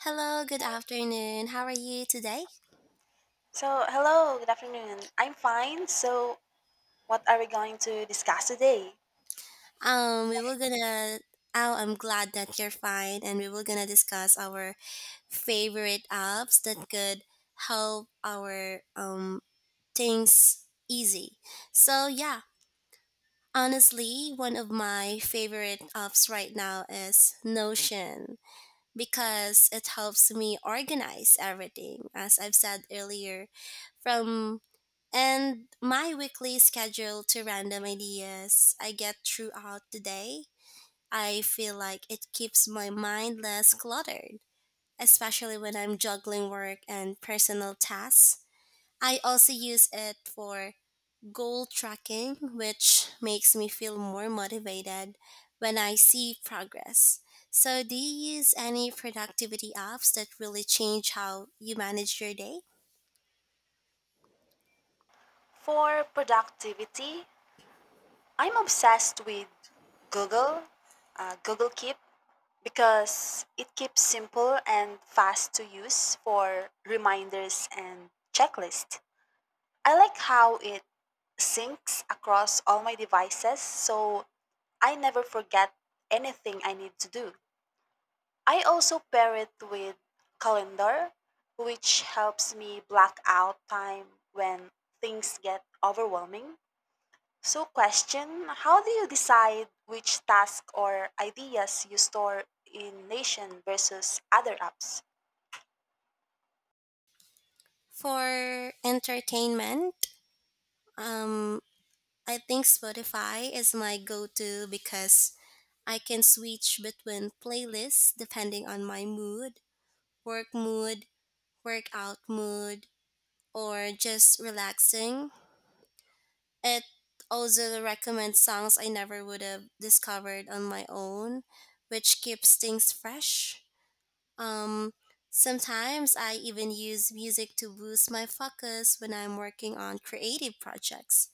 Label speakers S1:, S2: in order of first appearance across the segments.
S1: Hello, good afternoon. How are you today?
S2: So, hello, good afternoon. I'm fine. So, what are we going to discuss today?
S1: We were gonna. Oh, I'm glad that you're fine, and we were gonna discuss our favorite apps that could help our things easy. So yeah, honestly, one of my favorite apps right now is Notion because it helps me organize everything. As I've said earlier, from and my weekly schedule to random ideas I get throughout the day. I feel like it keeps my mind less cluttered, especially when I'm juggling work and personal tasks. I also use it for goal tracking, which makes me feel more motivated when I see progress. So, do you use any productivity apps that really change how you manage your day?
S2: For productivity, I'm obsessed with Google, Google Keep, because it keeps simple and fast to use for reminders and checklist. I like how it syncs across all my devices so I never forget anything I need to do. I also pair it with calendar, which helps me block out time when things get overwhelming. So question, how do you decide which task or ideas you store in Nation versus other apps?
S1: For entertainment, Um, I think Spotify is my go to because I can switch between playlists depending on my mood, work mood, workout mood, or just relaxing. It also recommends songs I never would have discovered on my own, which keeps things fresh. Um, sometimes I even use music to boost my focus when I'm working on creative projects.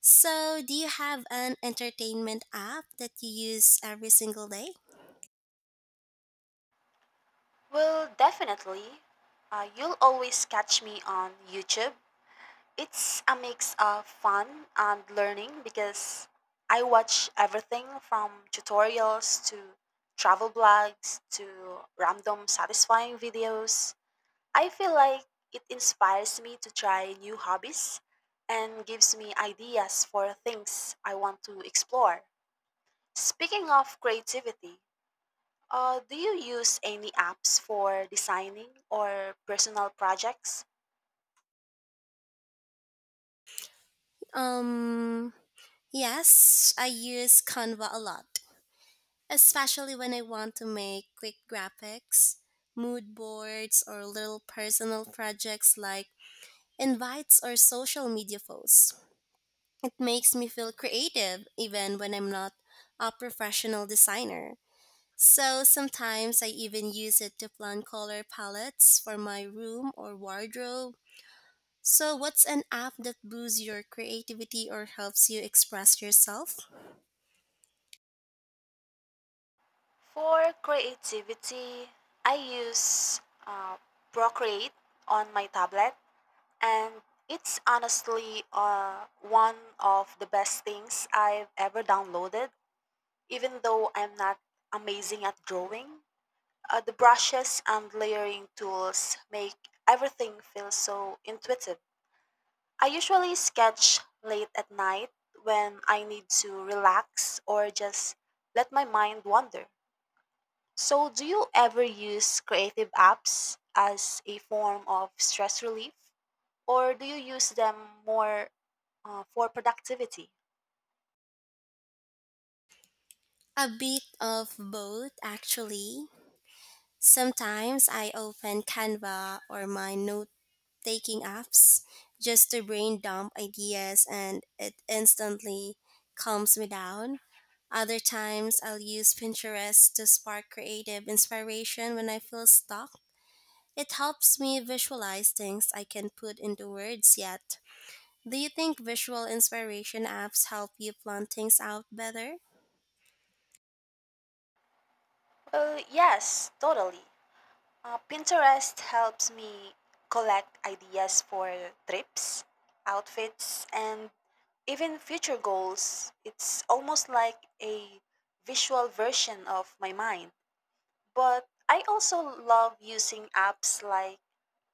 S1: So, do you have an entertainment app that you use every single day?
S2: Well, definitely. You'll always catch me on YouTube. It's a mix of fun and learning because I watch everything from tutorials to travel blogs to random satisfying videos. I feel like it inspires me to try new hobbies and gives me ideas for things I want to explore. Speaking of creativity, do you use any apps for designing or personal projects?
S1: Um, yes, I use Canva a lot, especially when I want to make quick graphics, mood boards, or little personal projects like invites or social media posts. It makes me feel creative even when I'm not a professional designer. So sometimes I even use it to plan color palettes for my room or wardrobe. So, what's an app that boosts your creativity or helps you express yourself?
S2: For creativity, I use uh, Procreate on my tablet, and it's honestly one of the best things I've ever downloaded. Even though I'm not amazing at drawing, the brushes and layering tools make everything feel so intuitive. I usually sketch late at night when I need to relax or just let my mind wander. So, do you ever use creative apps as a form of stress relief, or do you use them more for productivity?
S1: A bit of both, actually. Sometimes I open Canva or my note taking apps just to brain dump ideas and it instantly calms me down. Other times I'll use Pinterest to spark creative inspiration when I feel stuck. It helps me visualize things I can put into words yet. Do you think visual inspiration apps help you plan things out better?
S2: Well, yes, totally. Pinterest helps me collect ideas for trips, outfits, and even future goals. It's almost like a visual version of my mind. But I also love using apps like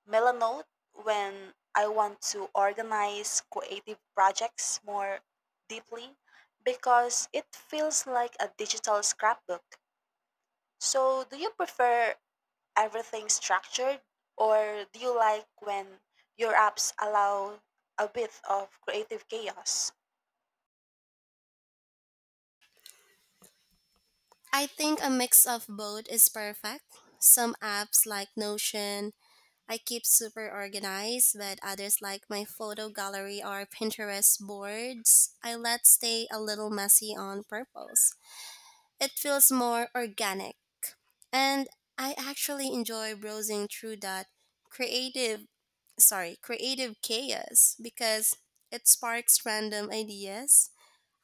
S2: Melanote when I want to organize creative projects more deeply because it feels like a digital scrapbook. So, do you prefer everything structured or do you like when your apps allow a bit of creative chaos?
S1: I think a mix of both is perfect. Some apps like Notion, I keep super organized, but others like my photo gallery or Pinterest boards, I let stay a little messy on purpose. It feels more organic, and I actually enjoy browsing through that creative, creative chaos because it sparks random ideas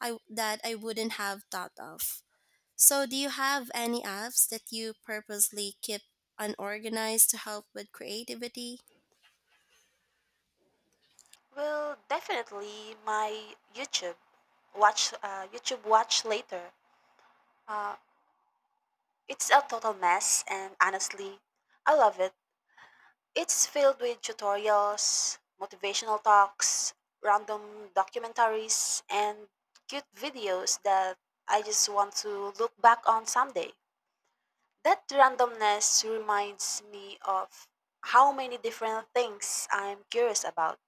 S1: I that I wouldn't have thought of. So, do you have any apps that you purposely keep unorganized to help with creativity?
S2: Well, definitely my YouTube watch later. Uh, it's a total mess and honestly, I love it. It's filled with tutorials, motivational talks, random documentaries, and cute videos that I just want to look back on someday. That randomness reminds me of how many different things I'm curious about.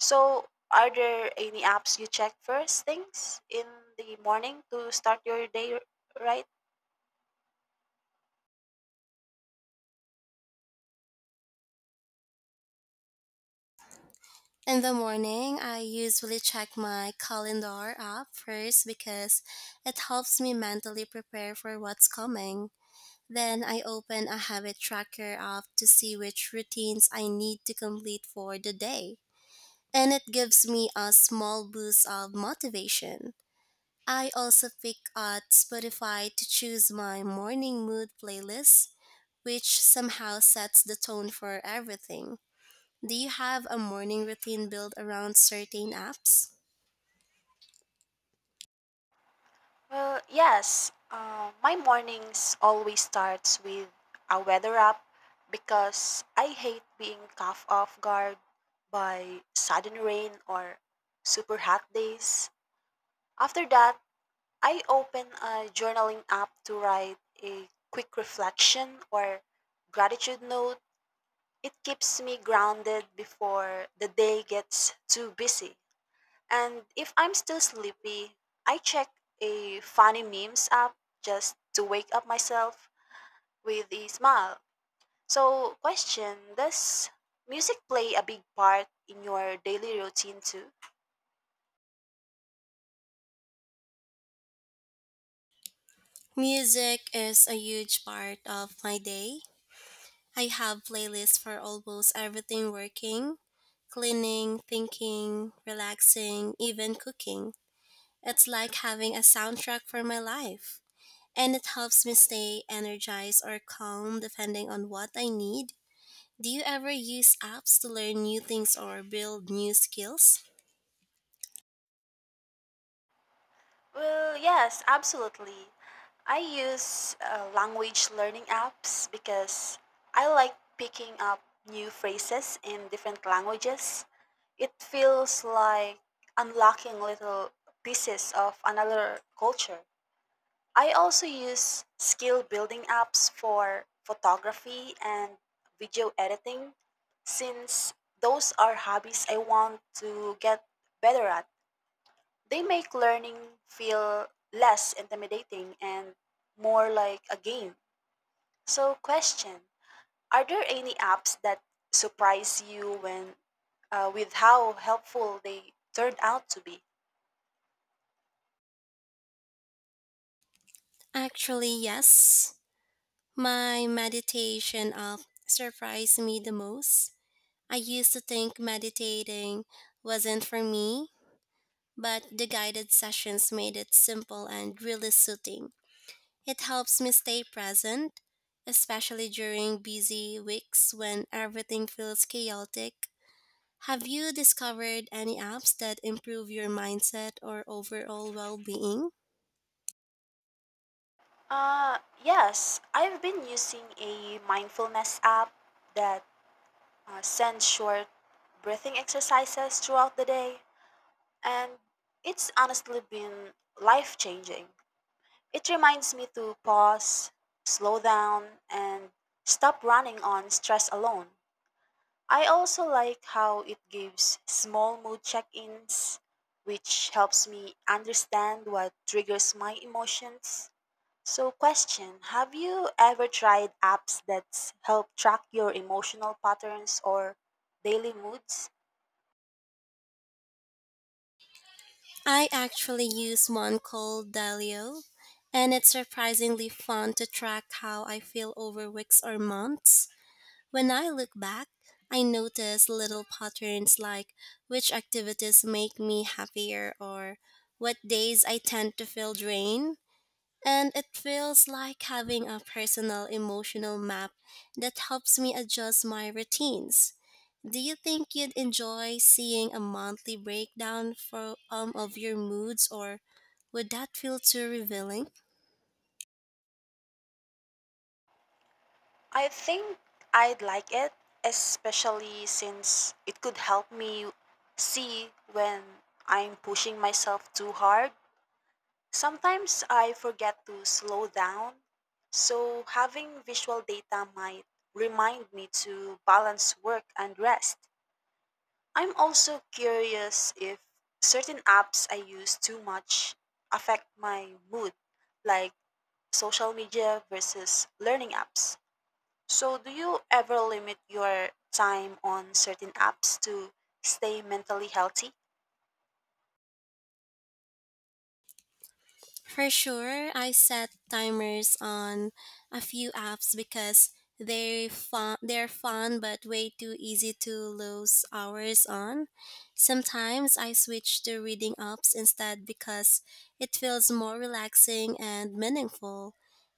S2: So, are there any apps you check first things in the morning to start your day right?
S1: In the morning, I usually check my calendar app first because it helps me mentally prepare for what's coming. Then I open a habit tracker app to see which routines I need to complete for the day. And it gives me a small boost of motivation. I also pick out Spotify to choose my morning mood playlist, which somehow sets the tone for everything. Do you have a morning routine built around certain apps?
S2: Well, yes. My mornings always starts with a weather up because I hate being caught off guard by sudden rain or super hot days. After that, I open a journaling app to write a quick reflection or gratitude note. It keeps me grounded before the day gets too busy. And if I'm still sleepy, I check a funny memes app just to wake up myself with a smile. So, question, does music play a big part in your daily routine too?
S1: Music is a huge part of my day. I have playlists for almost everything working, cleaning, thinking, relaxing, even cooking. It's like having a soundtrack for my life, and it helps me stay energized or calm depending on what I need. Do you ever use apps to learn new things or build new skills?
S2: Well, yes, absolutely. I use language learning apps because I like picking up new phrases in different languages. It feels like unlocking little pieces of another culture. I also use skill building apps for photography and video editing since those are hobbies I want to get better at. They make learning feel less intimidating and more like a game. So, question, are there any apps that surprise you when with how helpful they turned out to be?
S1: Actually, yes. My meditation app surprised me the most. I used to think meditating wasn't for me, but the guided sessions made it simple and really soothing. It helps me stay present, especially during busy weeks when everything feels chaotic. Have you discovered any apps that improve your mindset or overall well being?
S2: Uh, yes, I've been using a mindfulness app that send short breathing exercises throughout the day, and it's honestly been life changing. It reminds me to pause, slow down, and stop running on stress alone. I also like how it gives small mood check ins, which helps me understand what triggers my emotions. So, question, have you ever tried apps that help track your emotional patterns or daily moods?
S1: I actually use one called Dalio, and it's surprisingly fun to track how I feel over weeks or months. When I look back, I notice little patterns like which activities make me happier or what days I tend to feel drained. And it feels like having a personal emotional map that helps me adjust my routines. Do you think you'd enjoy seeing a monthly breakdown of your moods, or would that feel too revealing?
S2: I think I'd like it, especially since it could help me see when I'm pushing myself too hard. Sometimes I forget to slow down, so having visual data might remind me to balance work and rest. I'm also curious if certain apps I use too much affect my mood, like social media versus learning apps. So, do you ever limit your time on certain apps to stay mentally healthy?
S1: For sure, I set timers on a few apps because they're fun but way too easy to lose hours on. Sometimes I switch to reading apps instead because it feels more relaxing and meaningful.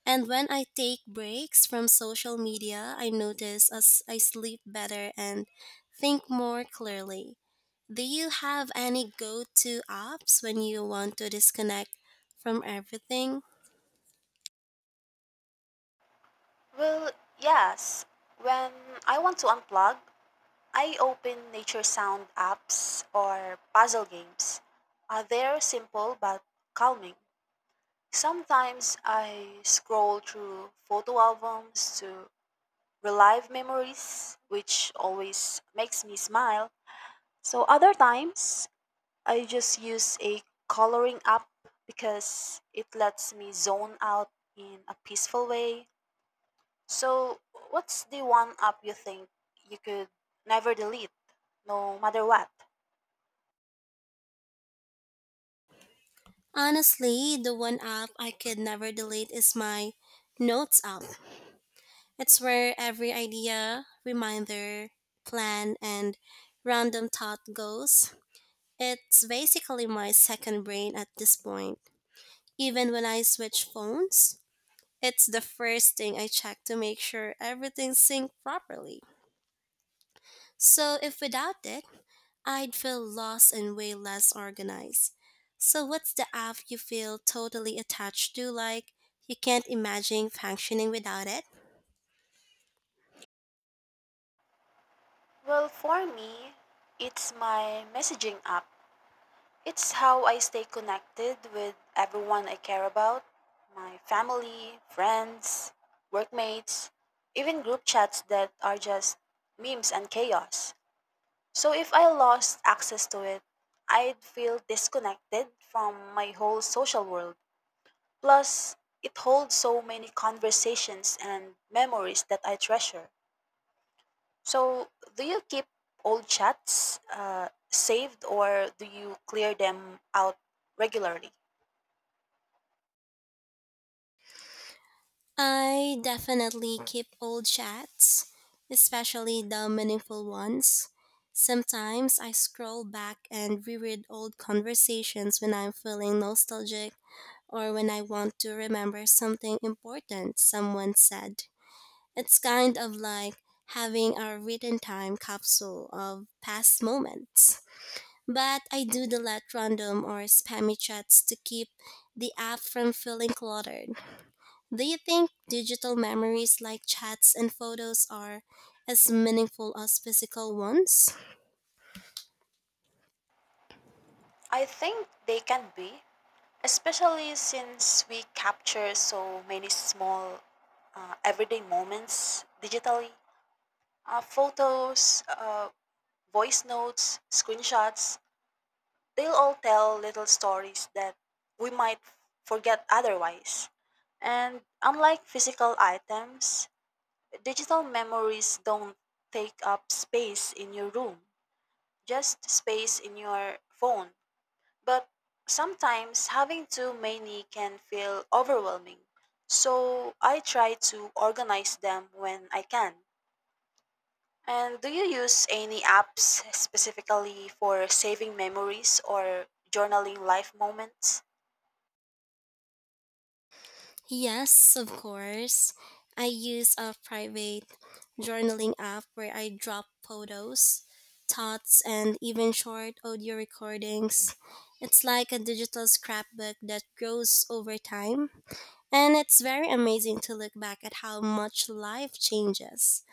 S1: And when I take breaks from social media, I notice as I sleep better and think more clearly. Do you have any go to apps when you want to disconnect from everything.
S2: Well, yes. When I want to unplug, I open nature sound apps or puzzle games. They're simple but calming. Sometimes I scroll through photo albums to relive memories, which always makes me smile. So, other times I just use a coloring app because it lets me zone out in a peaceful way. So, what's the one app you think you could never delete, no matter what?
S1: Honestly, the one app I could never delete is my Notes app. It's where every idea, reminder, plan, and random thought goes. It's basically my second brain at this point. Even when I switch phones, it's the first thing I check to make sure everything's synced properly. So, if without it, I'd feel lost and way less organized. So, what's the app you feel totally attached to, like you can't imagine functioning without it?
S2: Well, for me, it's my messaging app. It's how I stay connected with everyone I care about: my family, friends, workmates, even group chats that are just memes and chaos. So if I lost access to it, I'd feel disconnected from my whole social world. Plus, it holds so many conversations and memories that I treasure. So, do you keep old chats saved or do you clear them out regularly?
S1: I definitely keep old chats, especially the meaningful ones. Sometimes I scroll back and reread old conversations when I'm feeling nostalgic or when I want to remember something important someone said. It's kind of like having a written time capsule of past moments. But I do delete random or spammy chats to keep the app from feeling cluttered. Do you think digital memories like chats and photos are as meaningful as physical ones?
S2: I think they can be, especially since we capture so many small everyday moments digitally. Photos, voice notes, screenshots, they'll all tell little stories that we might forget otherwise. And unlike physical items, digital memories don't take up space in your room, just space in your phone. But sometimes having too many can feel overwhelming. So I try to organize them when I can. And do you use any apps specifically for saving memories or journaling life moments?
S1: Yes, of course. I use a private journaling app where I drop photos, thoughts, and even short audio recordings. It's like a digital scrapbook that grows over time. And it's very amazing to look back at how much life changes.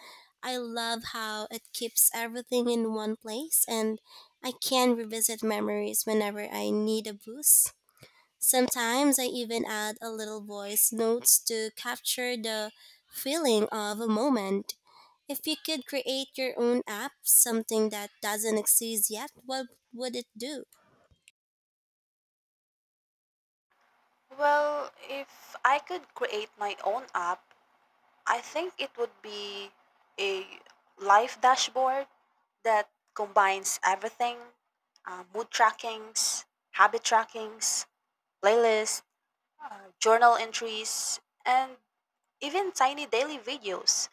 S1: I love how it keeps everything in one place, and I can revisit memories whenever I need a boost. Sometimes I even add a little voice notes to capture the feeling of a moment. If you could create your own app, something that doesn't exist yet, what would it do?
S2: Well, if I could create my own app, I think it would be a life dashboard that combines everything: mood trackings, habit trackings, playlists, journal entries, and even tiny daily videos.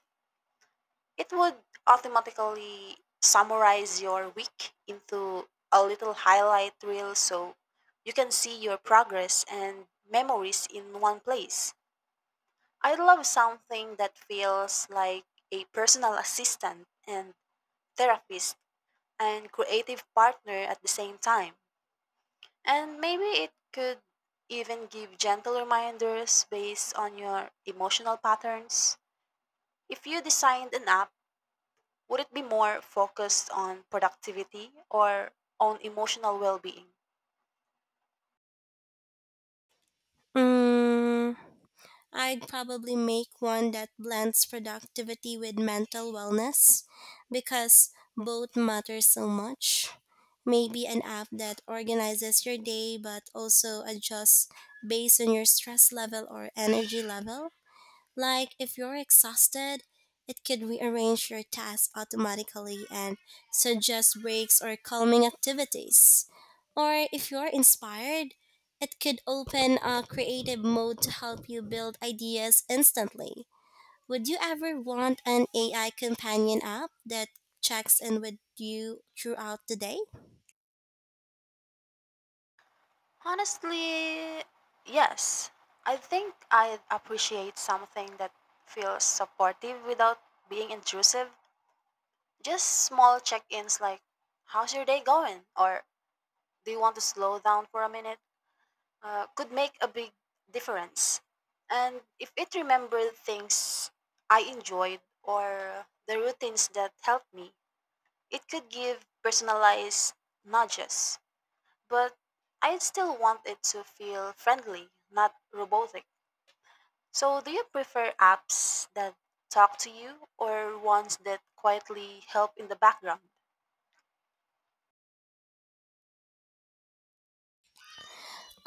S2: It would automatically summarize your week into a little highlight reel so you can see your progress and memories in one place. I love something that feels like a personal assistant and therapist and creative partner at the same time. And maybe it could even give gentle reminders based on your emotional patterns. If you designed an app, would it be more focused on productivity or on emotional well being?
S1: Mm, I'd probably make one that blends productivity with mental wellness because both matter so much. Maybe an app that organizes your day but also adjusts based on your stress level or energy level. Like if you're exhausted, it could rearrange your tasks automatically and suggest breaks or calming activities. Or if you're inspired, it could open a creative mode to help you build ideas instantly. Would you ever want an AI companion app that checks in with you throughout the day?
S2: Honestly, yes. I think I appreciate something that feels supportive without being intrusive. Just small check ins like, how's your day going? Or do you want to slow down for a minute? Could make a big difference. And if it remembered things I enjoyed or the routines that helped me, it could give personalized nudges, but I'd still want it to feel friendly, not robotic. So, do you prefer apps that talk to you or ones that quietly help in the background?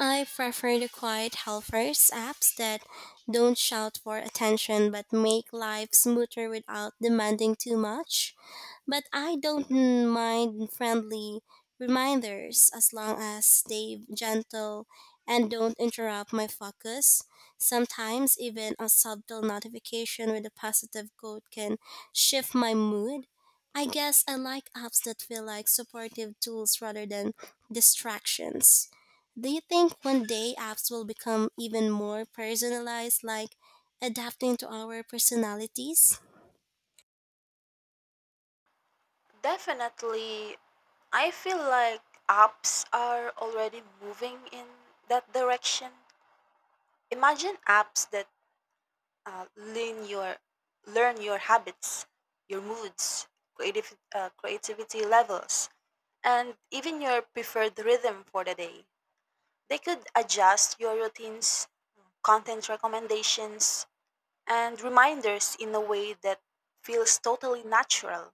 S1: I prefer the quiet helpers apps that don't shout for attention but make life smoother without demanding too much, but I don't mind friendly reminders as long as stay gentle and don't interrupt my focus. Sometimes even a subtle notification with a positive quote can shift my mood. I guess I like apps that feel like supportive tools rather than distractions. Do you think one day apps will become even more personalized, like adapting to our personalities?
S2: Definitely, I feel like apps are already moving in that direction. Imagine apps that uh, learn your learn your habits, your moods, creative creativity levels, and even your preferred rhythm for the day. They could adjust your routines, content recommendations, and reminders in a way that feels totally natural.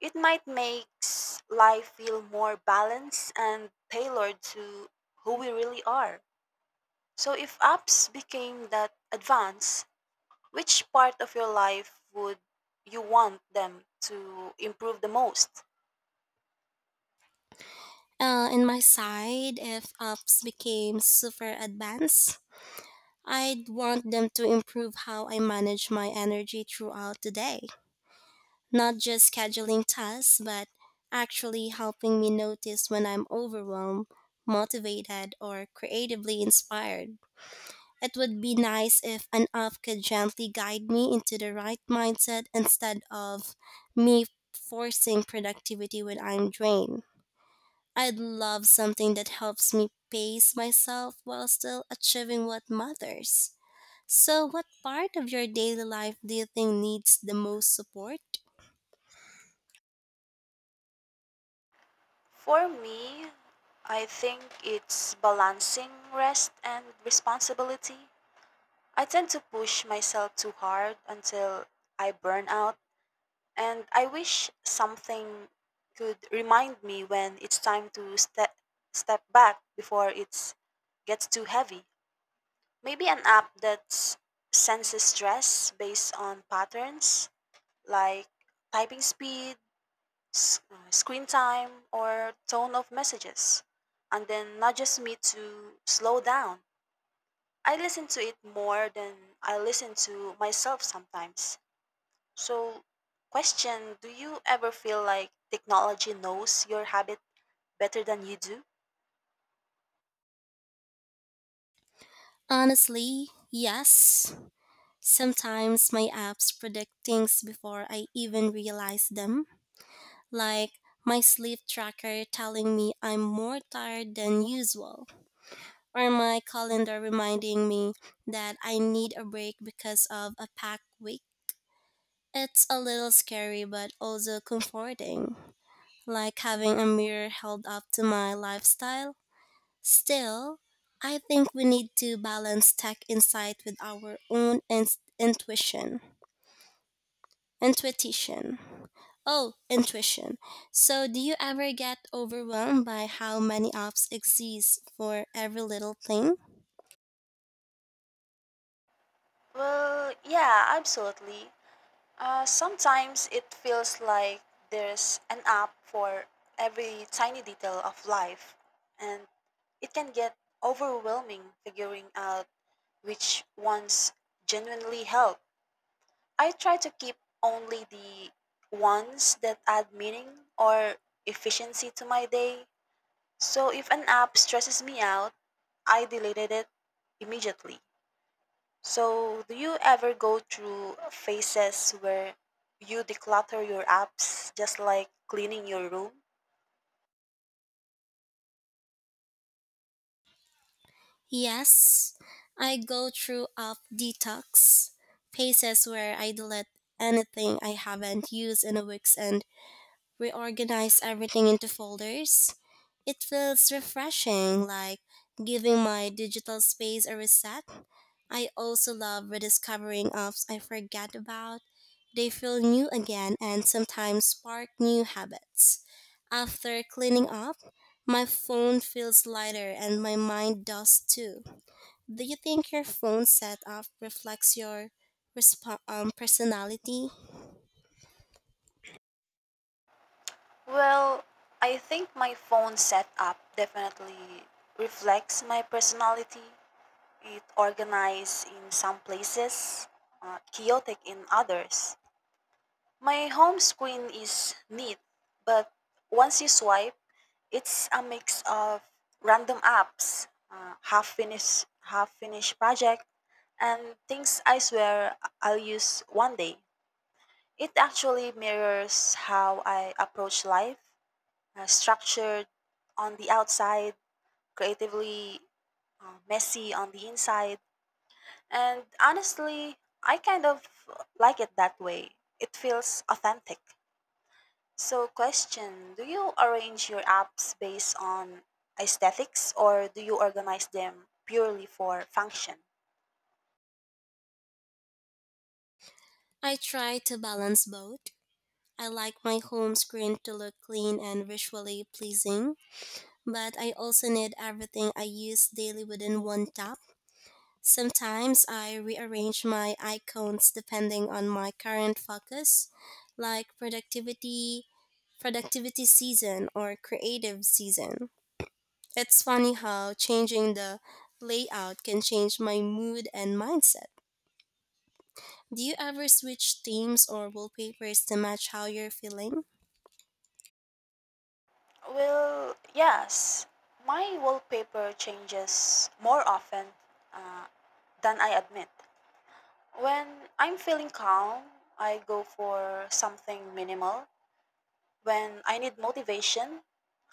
S2: It might make life feel more balanced and tailored to who we really are. So if apps became that advanced, which part of your life would you want them to improve the most?
S1: In my side, if apps became super advanced, I'd want them to improve how I manage my energy throughout the day. Not just scheduling tasks, but actually helping me notice when I'm overwhelmed, motivated, or creatively inspired. It would be nice if an app could gently guide me into the right mindset instead of me forcing productivity when I'm drained. I'd love something that helps me pace myself while still achieving what matters. So, what part of your daily life do you think needs the most support?
S2: For me, I think it's balancing rest and responsibility. I tend to push myself too hard until I burn out, and I wish something could remind me when it's time to step back before it gets too heavy. Maybe an app that senses stress based on patterns like typing speed, screen time, or tone of messages, and then nudges me to slow down. I listen to it more than I listen to myself sometimes. So, question, do you ever feel like technology knows your habit better than you do?
S1: Honestly, yes. Sometimes my apps predict things before I even realize them, like my sleep tracker telling me I'm more tired than usual, or my calendar reminding me that I need a break because of a packed week. It's a little scary, but also comforting, like having a mirror held up to my lifestyle. Still, I think we need to balance tech insight with our own intuition. Intuition. Oh, intuition. So, do you ever get overwhelmed by how many apps exist for every little thing?
S2: Well, yeah, absolutely. Sometimes it feels like there's an app for every tiny detail of life, and it can get overwhelming figuring out which ones genuinely help. I try to keep only the ones that add meaning or efficiency to my day. So if an app stresses me out, I deleted it immediately. So, do you ever go through phases where you declutter your apps just like cleaning your room?
S1: Yes, I go through app detox, phases where I delete anything I haven't used in a week and reorganize everything into folders. It feels refreshing, like giving my digital space a reset. I also love rediscovering apps I forget about. They feel new again and sometimes spark new habits. After cleaning up, my phone feels lighter and my mind does too. Do you think your phone setup reflects your personality?
S2: Well, I think my phone setup definitely reflects my personality. It organized in some places, chaotic in others. My home screen is neat, but once you swipe, it's a mix of random apps, uh, half finished project, and things I swear I'll use one day. It actually mirrors how I approach life, structured on the outside, creatively messy on the inside, and honestly, I kind of like it that way. It feels authentic. So, question, do you arrange your apps based on aesthetics or do you organize them purely for function?
S1: I try to balance both. I like my home screen to look clean and visually pleasing, but I also need everything I use daily within one tap. Sometimes I rearrange my icons depending on my current focus, like productivity season or creative season. It's funny how changing the layout can change my mood and mindset. Do you ever switch themes or wallpapers to match how you're feeling?
S2: Well, yes. My wallpaper changes more often than I admit. When I'm feeling calm, I go for something minimal. When I need motivation,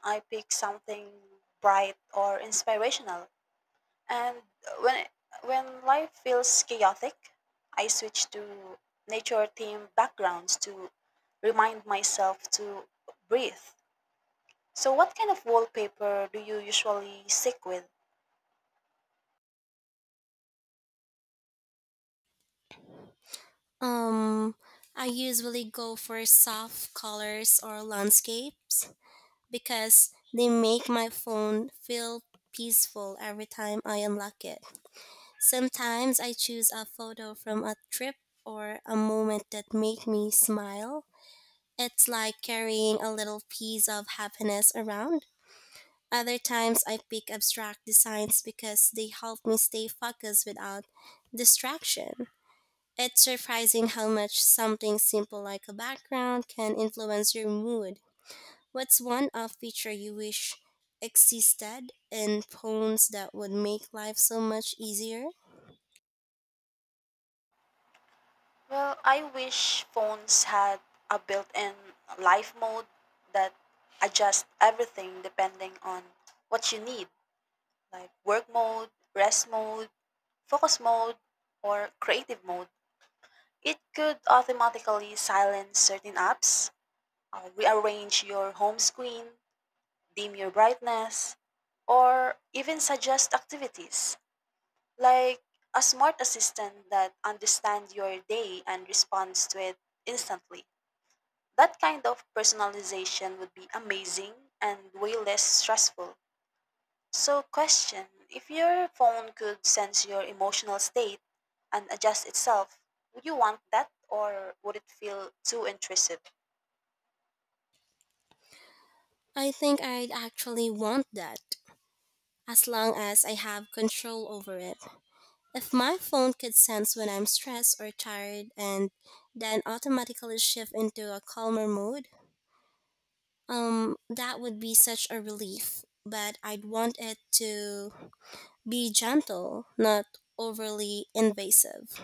S2: I pick something bright or inspirational. And when when life feels chaotic, I switch to nature themed backgrounds to remind myself to breathe. So what kind of wallpaper do you usually stick with?
S1: Um, I usually go for soft colors or landscapes because they make my phone feel peaceful every time I unlock it. Sometimes I choose a photo from a trip or a moment that made me smile. It's like carrying a little piece of happiness around. Other times I pick abstract designs because they help me stay focused without distraction. It's surprising how much something simple like a background can influence your mood. What's one off feature you wish existed in poems that would make life so much easier?
S2: Well, I wish phones had a built-in life mode that adjusts everything depending on what you need, like work mode, rest mode, focus mode, or creative mode. It could automatically silence certain apps, rearrange your home screen, dim your brightness, or even suggest activities like a smart assistant that understands your day and responds to it instantly. That kind of personalization would be amazing and way less stressful. So, question, if your phone could sense your emotional state and adjust itself, would you want that or would it feel too intrusive?
S1: I think I'd actually want that, as long as I have control over it. If my phone could sense when I'm stressed or tired and then automatically shift into a calmer mode, that would be such a relief. But I'd want it to be gentle, not overly invasive.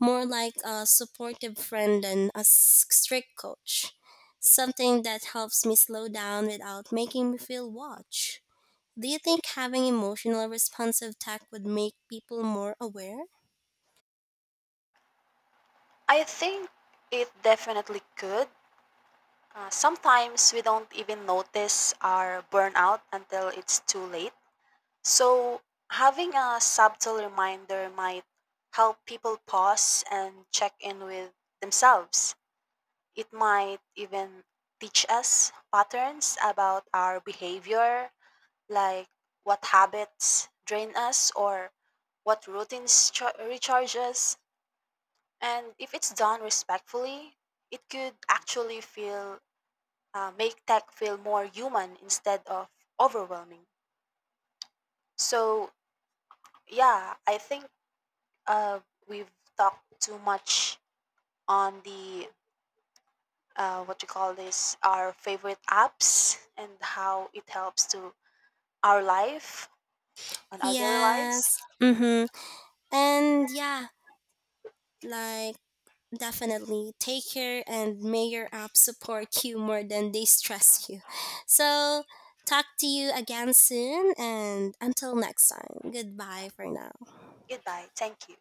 S1: More like a supportive friend than a strict coach. Something that helps me slow down without making me feel watched. Do you think having emotional responsive tech would make people more aware?
S2: I think it definitely could. Sometimes we don't even notice our burnout until it's too late. So, having a subtle reminder might help people pause and check in with themselves. It might even teach us patterns about our behavior like what habits drain us or what routines recharge us. And if it's done respectfully, it could actually feel make tech feel more human instead of overwhelming. So yeah, I think uh, we've talked too much on the what you call this our favorite apps and how it helps to our life on our daily lives.
S1: Yes. Mm-hmm. And yeah, like definitely take care and may your app support you more than they stress you. So talk to you again soon and until next time. Goodbye for now.
S2: Goodbye. Thank you.